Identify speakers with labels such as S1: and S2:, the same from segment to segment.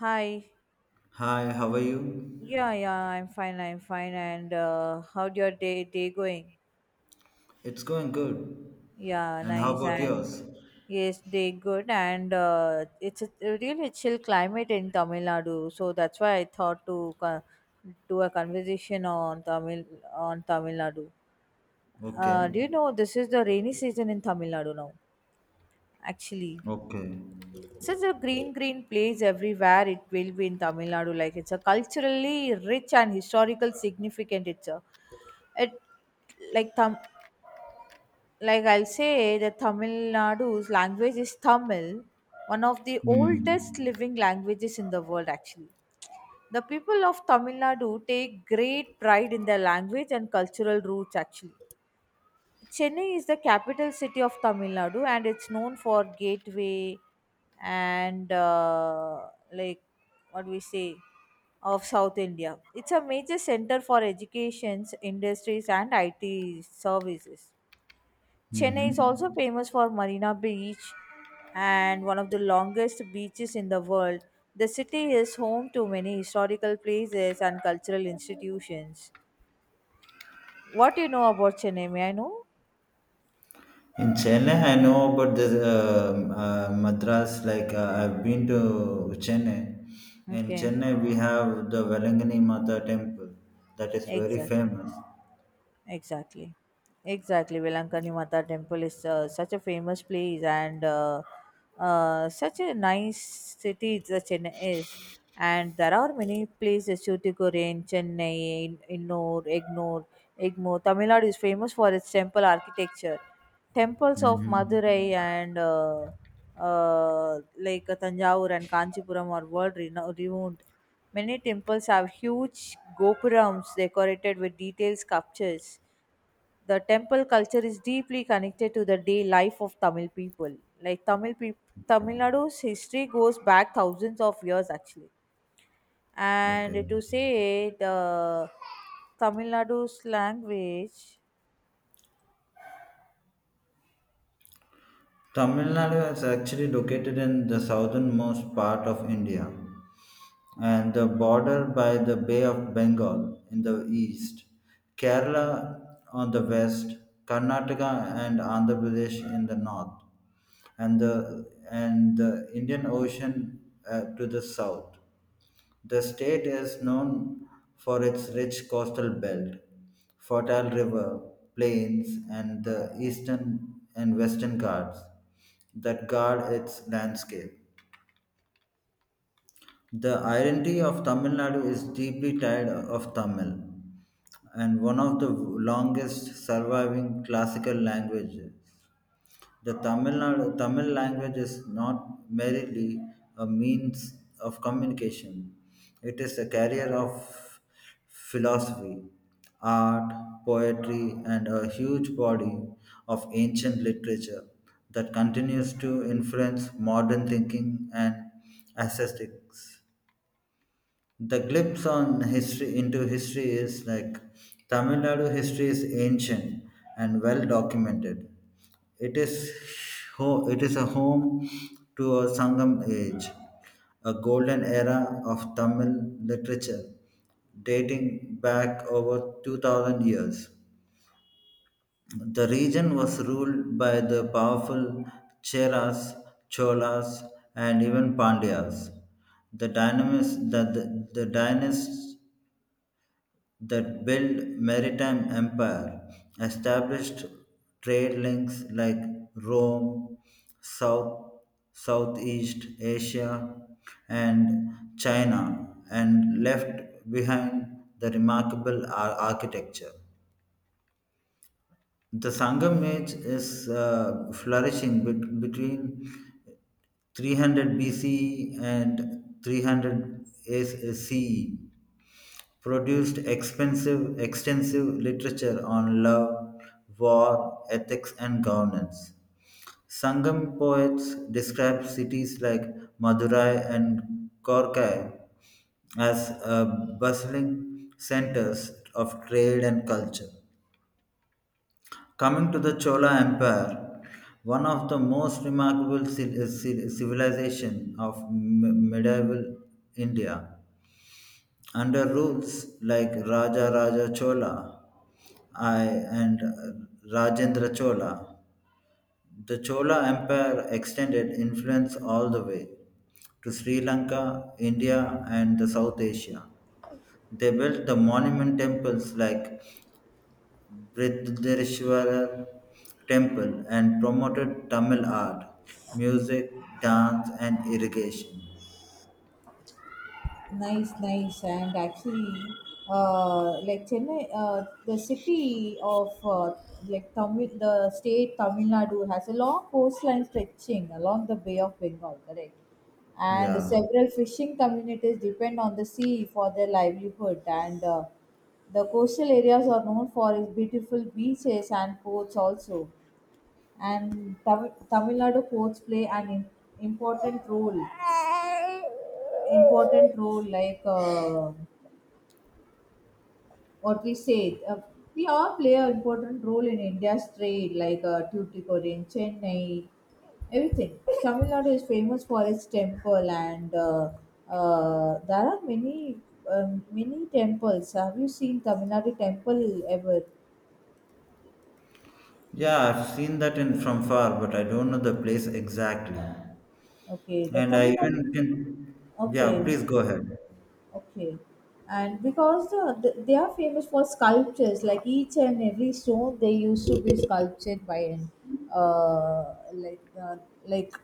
S1: Hi.
S2: Hi, how are you?
S1: Yeah, yeah, I'm fine, I'm fine. And how'd your day going?
S2: It's going good.
S1: Yeah,
S2: And how
S1: nice.
S2: about
S1: And
S2: yours?
S1: yes, day good. And it's a really chill climate in Tamil Nadu, so that's why I thought do a conversation on Tamil Nadu.
S2: Okay.
S1: Do you know this is the rainy season in Tamil Nadu now? Actually.
S2: Okay.
S1: Such a green place everywhere it will be in Tamil Nadu, like it's a culturally rich and historical significant, it's a it like like I'll say that Tamil Nadu's language is Tamil, one of the oldest
S2: Hmm.
S1: living languages in the world actually. The people of Tamil Nadu take great pride in their language and cultural roots actually. Chennai is the capital city of Tamil Nadu and it's known for gateway and like what we say of South India. It's a major center for educations, industries and IT services. Chennai is also
S2: Mm-hmm.
S1: famous for Marina Beach and one of the longest beaches in the world. The city is home to many historical places and cultural institutions. What do you know about Chennai? May I know?
S2: In Chennai, I know about this Madras. Like I've been to Chennai. In
S1: Okay,
S2: Chennai, we have the Velangani Mata temple that is very
S1: exactly.
S2: famous.
S1: Exactly. Exactly. Velankani Mata temple is such a famous place and such a nice city the Chennai is. And there are many places, Tuticorin, Chennai, Innur, Egmore. Tamil Nadu is famous for its temple architecture. Temples of Madurai
S2: Mm-hmm.
S1: and Tanjavur and Kanchipuram are world renowned. Many temples have huge gopurams decorated with detailed sculptures. The temple culture is deeply connected to the day life of Tamil people. Like Tamil people, Tamil
S2: Okay.
S1: Nadu's history goes back thousands of years actually. And to
S2: Okay.
S1: say the Tamil Nadu's language.
S2: Tamil Nadu is actually located in the southernmost part of India, and the border by the Bay of Bengal in the east, Kerala on the west, Karnataka and Andhra Pradesh in the north, and the Indian Ocean to the south. The state is known for its rich coastal belt, fertile river, plains, and the eastern and western Ghats that guard its landscape. The identity of Tamil Nadu is deeply tied of Tamil and one of the longest surviving classical languages. The Tamil language is not merely a means of communication. It is a carrier of philosophy, art, poetry, and a huge body of ancient literature that continues to influence modern thinking and aesthetics. The glimpse on history into history is like, Tamil Nadu history is ancient and well documented. It is it is a home to a Sangam age, a golden era of Tamil literature dating back over 2,000 years. The region was ruled by the powerful Cheras, Cholas, and even Pandyas. The, dynamis, the dynasts that built maritime empire, established trade links like Rome, South, Southeast Asia, and China, and left behind the remarkable architecture. The Sangam age is flourishing between 300 B.C. and 300 produced extensive literature on love, war, ethics, and governance. Sangam poets describe cities like Madurai and Korkai as bustling centers of trade and culture. Coming to the Chola Empire, one of the most remarkable civilization of medieval India, under rules like Raja Raja Chola I, and Rajendra Chola, the Chola Empire extended influence all the way to Sri Lanka, India, and the South Asia. They built the monument temples like Brihadarishwarar Temple and promoted Tamil art, music, dance, and irrigation.
S1: Nice, nice, and actually, like Chennai, the city of like Tamil, the state Tamil Nadu has a long coastline stretching along the Bay of Bengal, correct? And
S2: Yeah.
S1: several fishing communities depend on the sea for their livelihood, and the coastal areas are known for its beautiful beaches and ports also. And Tamil Nadu ports play an important role, important role like. What we say, uh, we all play an important role in India's trade, like Tuticorin, Chennai, everything. Tamil Nadu is famous for its temple, and there are many many temples. Have you seen Tamil Nadu temple ever?
S2: Yeah, I've seen that in from far, but I don't know the place exactly.
S1: Okay, the
S2: And I
S1: Tamil Nadu.
S2: even can, yeah,
S1: Okay,
S2: please go ahead.
S1: okay. And because they are famous for sculptures, like each and every stone they used to be sculptured by an uh, like uh, like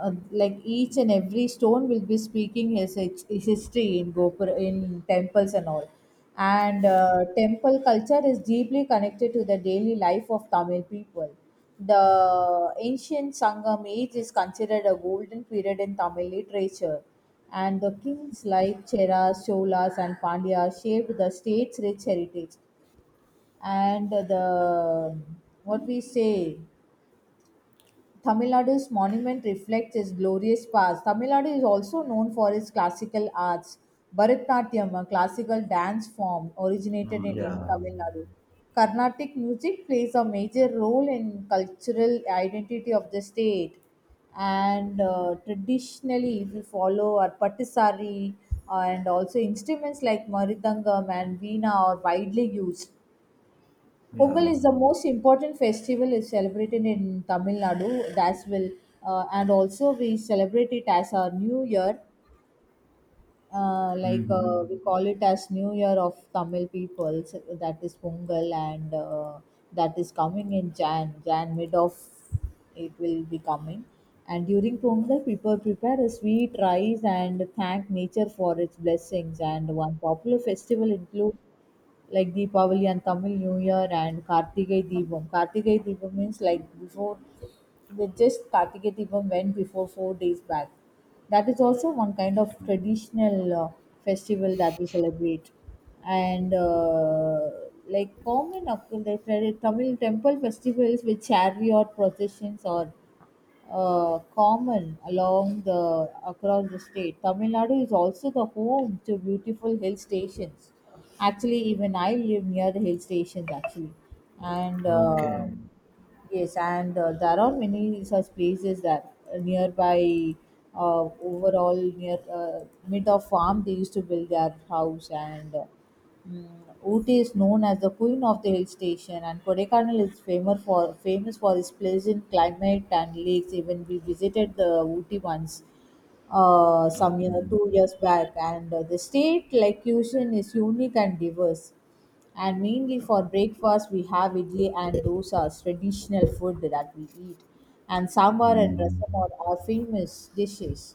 S1: like each and every stone will be speaking his history in Gopur in temples and all. And Temple culture is deeply connected to the daily life of Tamil people. The ancient Sangam age is considered a golden period in Tamil literature, and the kings like Cheras, Cholas, and Pandyas shaped the state's rich heritage. And the what we say Tamil Nadu's monument reflects its glorious past. Tamil Nadu is also known for its classical arts. Bharatnatyam, a classical dance form, originated in
S2: Yeah,
S1: Tamil Nadu. Carnatic music plays a major role in cultural identity of the state. And Traditionally, if you follow our patisari and also instruments like maridangam and veena are widely used. Pongal
S2: yeah.
S1: is the most important festival is celebrated in Tamil Nadu. That's will, and also we celebrate it as our New Year. We
S2: Hmm.
S1: call it as New Year of Tamil people. So that is Pongal, and that is coming in Jan mid of it will be coming. And during Pongal, people prepare a sweet rice and thank nature for its blessings. And one popular festival includes like Deepavali and Tamil New Year and Kartigai Deepam. Kartigai Deepam means like before they just Kartigai Deepam went before 4 days back. That is also one kind of traditional festival that we celebrate, and like common occur- like tra- Tamil temple festivals with chariot processions or common along the across the state. Tamil Nadu is also the home to beautiful hill stations. Actually, even I live near the hill stations actually, and
S2: Okay,
S1: yes, and there are many such places that nearby, overall near mid of farm, they used to build their house. Mm, Ooty is known as the queen of the hill station, and Kodaikanal is famous for famous for its pleasant climate and lakes. Even we visited the Ooty once, some you
S2: okay.
S1: know 2 years back, and the state like cuisine is unique and diverse. And mainly for breakfast, we have idli and dosas, traditional food that we eat, and sambar and rasam
S2: Mm.
S1: are our famous dishes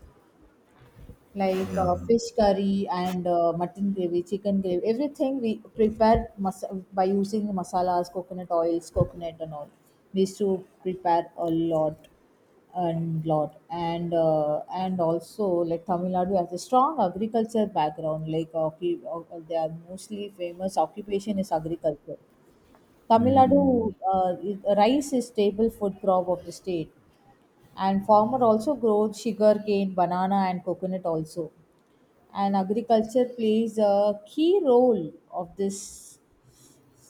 S1: like
S2: Yeah.
S1: fish curry and mutton gravy, chicken gravy, everything we prepare by using masalas, coconut oils, coconut and all. We used to prepare a lot and lot and also like Tamil Nadu has a strong agriculture background. Like their mostly famous occupation is agriculture. Tamil Nadu
S2: Mm.
S1: rice is staple food crop of the state and farmer also grows sugarcane banana and coconut also and agriculture plays a key role of this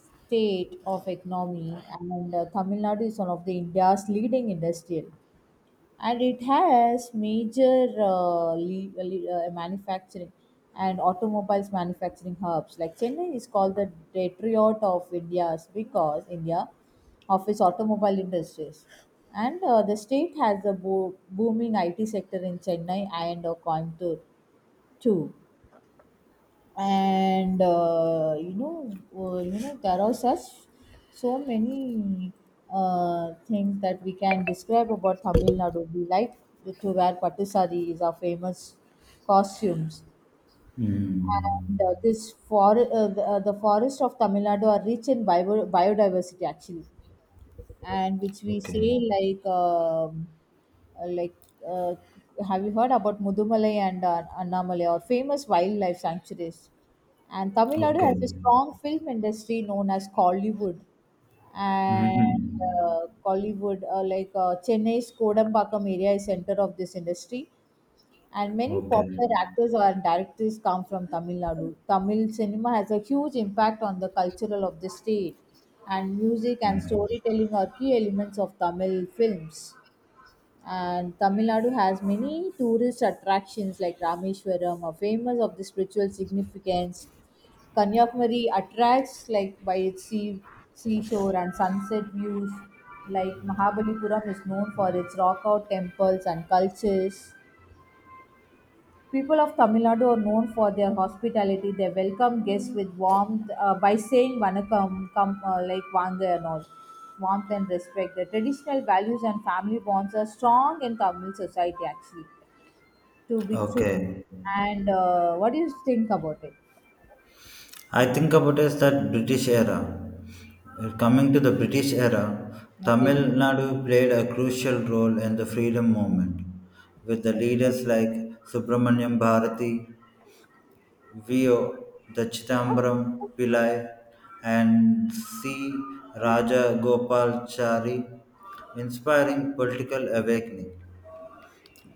S1: state of economy and Tamil Nadu is one of the India's leading industrial and it has major manufacturing and automobiles manufacturing hubs like Chennai is called the Detroit of India's because India of its automobile industries and the state has a booming IT sector in Chennai and Coimbatore too and you know there are such so many things that we can describe about Tamil Nadu. We like to wear pattu sari is our famous costumes, and
S2: Mm.
S1: this for the forests of Tamil Nadu are rich in biodiversity actually and which we say
S2: Okay,
S1: like uh, have you heard about Mudumalai and Annamalai or famous wildlife sanctuaries? And Tamil Nadu
S2: okay.
S1: has a strong film industry known as Kollywood and
S2: Hmm.
S1: Kollywood, like Chennai's Kodambakkam area is center of this industry. And many
S2: Okay,
S1: popular actors and directors come from Tamil Nadu. Tamil cinema has a huge impact on the cultural of the state, and music
S2: yeah.
S1: and storytelling are key elements of Tamil films. And Tamil Nadu has many tourist attractions like Rameshwaram, are famous of the spiritual significance. Kanyakumari attracts like by its seashore and sunset views. Like Mahabalipuram is known for its rock out temples and cultures. People of Tamil Nadu are known for their hospitality. They welcome guests with warmth by saying "Vanakkam," come like "Vanga" and all, warmth and respect. The traditional values and family bonds are strong in Tamil society. Actually, to be true,
S2: Okay.
S1: and what do you think about it?
S2: I think about is that British era. Coming to the British era, Tamil
S1: Okay.
S2: Nadu played a crucial role in the freedom movement, with the
S1: Okay.
S2: leaders like Subramanyam Bharati, V.O. Dachidambaram Pillai, and C. Raja Gopalachari inspiring political awakening.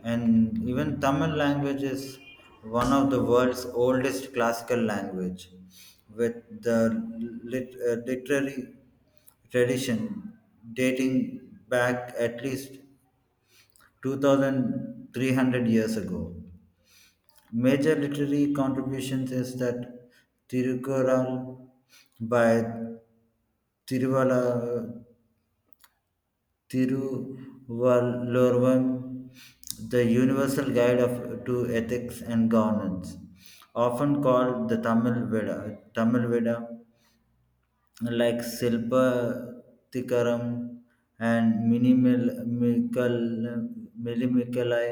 S2: And even Tamil language is one of the world's oldest classical language, with the literary tradition dating back at least 2,300 years ago. Major literary contributions is that Tirukkural by Tiruvala Thiruvalluvar, the universal guide to ethics and governance, often called the Tamil Veda, like Silpathikaram and Millimikalai,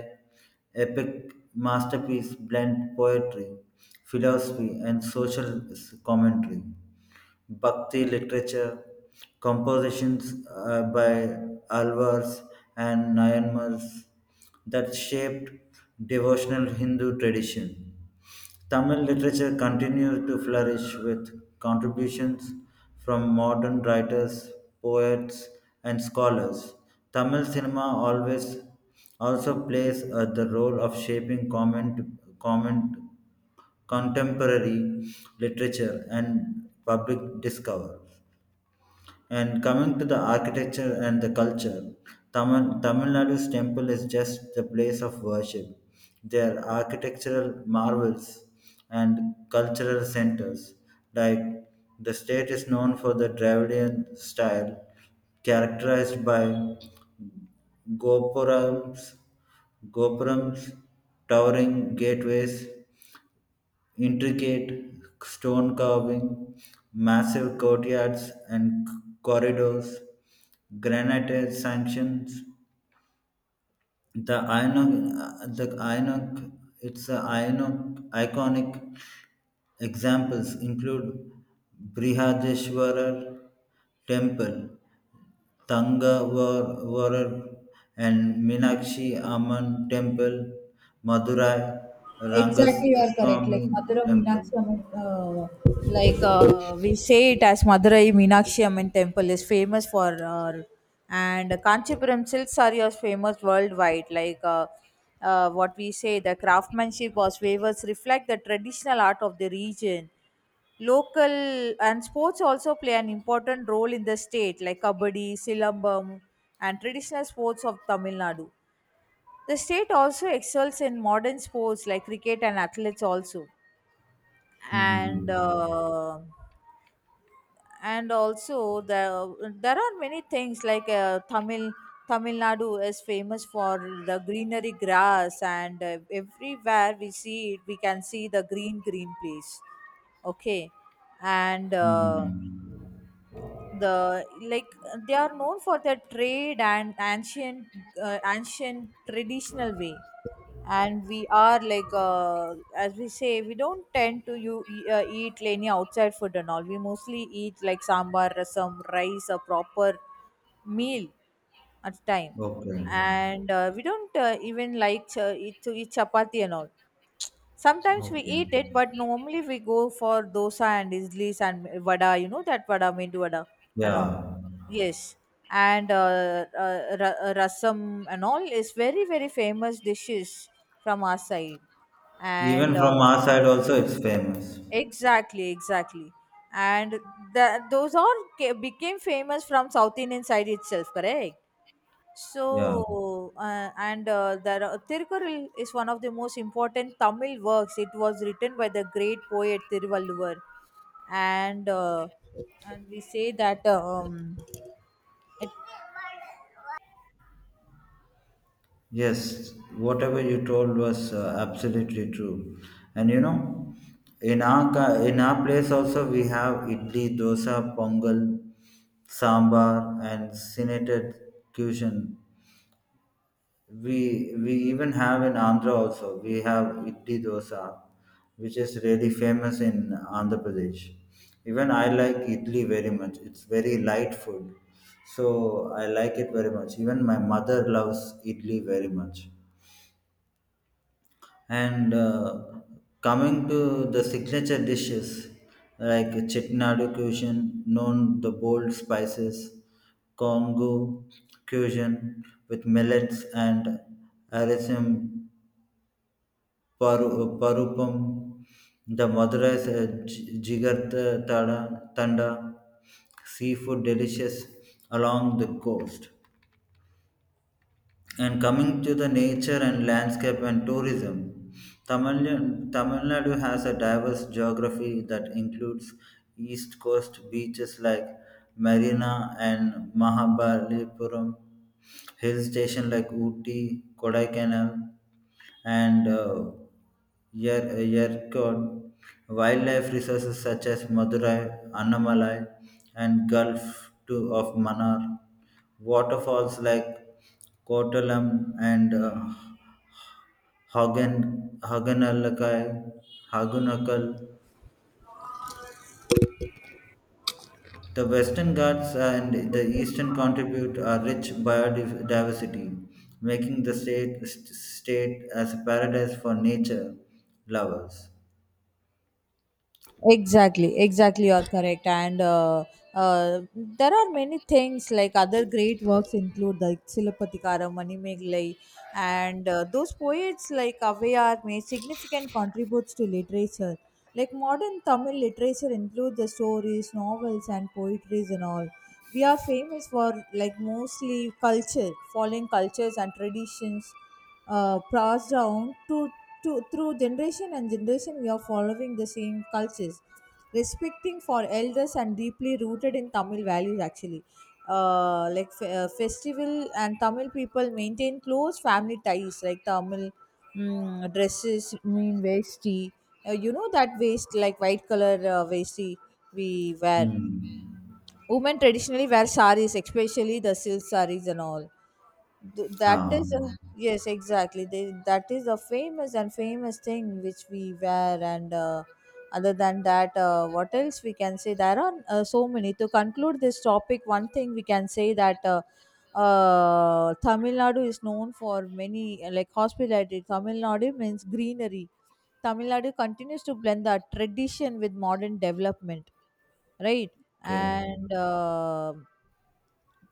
S2: epic masterpiece blend poetry, philosophy, and social commentary. Bhakti literature, compositions by Alvars and Nayanmars that shaped devotional Hindu tradition. Tamil literature continues to flourish with contributions from modern writers, poets, and scholars. Tamil cinema always also plays the role of shaping comment, comment contemporary literature and public discover. And coming to the architecture and the culture, Tamil Nadu's temple is just the place of worship. Their architectural marvels and cultural centers, like the state is known for the Dravidian style, characterized by gopurams, gopurams, towering gateways, intricate stone carving, massive courtyards and corridors, granite sanctions. The Ionic, its a Ionic, iconic examples include Brihadeshwarar Temple, Tangavarar and Minakshi Amman Temple, Madurai
S1: Exactly, you are correct. Like Madurai
S2: Rangaswamy Temple.
S1: Meenakshi Amman, like we say it as Madurai Meenakshi Amman temple is famous for, and Kanchipuram silk saree is famous worldwide. The craftsmanship or weavers reflect the traditional art of the region. Local and sports also play an important role in the state, like kabaddi, silambam, and traditional sports of Tamil Nadu. The state also excels in modern sports like cricket and athletes also, and
S2: Hmm.
S1: uh, and also the there are many things like Tamil Nadu is famous for the greenery grass and everywhere we see it we can see the green place, okay, and
S2: Hmm.
S1: the like they are known for their trade and ancient ancient traditional way and we are like as we say we don't tend to you eat any outside food and all, we mostly eat like sambar rasam rice a proper meal at a time
S2: Okay.
S1: and we don't even like eat to eat chapati and all. Sometimes we
S2: Okay.
S1: eat it, but normally we go for dosa and idlis and vada. You know that vada, medu vada, and all.
S2: Yeah.
S1: Yes, and rasam and all is very very famous dishes from our side.
S2: Even
S1: And
S2: from our side also, it's famous.
S1: Exactly, exactly, and those all became famous from South Indian side itself. Correct.
S2: Yeah.
S1: So, and there are, Tirukkural is one of the most important Tamil works. It was written by the great poet Tiruvalluvar, and and we say that.
S2: Yes. Whatever you told was absolutely true. And in our place also we have idli, dosa, pongal, sambar, and senated cuisine. We even have in andhra also, we have idli dosa which is really famous in andhra pradesh. Even I like idli very much, it's very light food, so I like it very much. Even my mother loves idli very much. And coming to the signature dishes like Chettinad cuisine, known the bold spices, Congo cuisine with millets and Arisen Parupam, the Madurai Jigar Tanda, seafood delicious along the coast. And coming to the nature and landscape and tourism, Tamil Nadu has a diverse geography that includes east coast beaches like Marina and Mahabalipuram, hill station like Ooty, Kodaikanal, and Yerkod. Wildlife resources such as Madurai, Annamalai, and Gulf of Manar, waterfalls like Kottalam and Hagen, Hagenalakai, Hagunakal. The western Ghats and the eastern contribute a rich biodiversity, making the state as a paradise for nature lovers.
S1: Exactly, exactly, you're correct. And There are many things like other great works include like Silapathikara, Manimegalai, and those poets like Avayar made significant contributes to literature. Like modern Tamil literature includes the stories, novels, and poetries and all. We are famous for like mostly culture, following cultures and traditions passed down to through generation and generation we are following the same cultures, respecting for elders and deeply rooted in Tamil values actually, festival and Tamil people maintain close family ties, like Tamil dresses mean vesti, you know that waist like white color vesti we wear.
S2: Hmm.
S1: Women traditionally wear saris, especially the silk saris and all. That
S2: Ah,
S1: is a, yes, exactly. That is a famous and famous thing which we wear. And Other than that, what else we can say? There are so many. To conclude this topic, one thing we can say that. Tamil Nadu is known for many like hospitality. Tamil Nadu means greenery. Tamil Nadu continues to blend the tradition with modern development, right?
S2: okay,
S1: And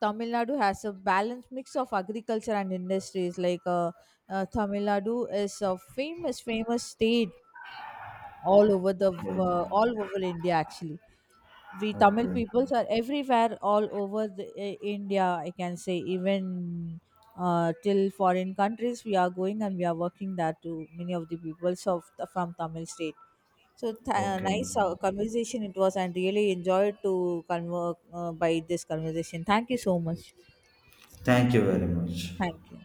S1: Tamil Nadu has a balanced mix of agriculture and industries. Tamil Nadu is a famous, famous state all over the
S2: okay,
S1: all over India. Actually, we Tamil
S2: okay,
S1: peoples are everywhere all over the, India. I can say even till foreign countries we are going and we are working there to many of the peoples of from Tamil state. So
S2: okay.
S1: nice conversation it was, and really enjoyed by this conversation. Thank you so much.
S2: Thank you very much.
S1: Thank you.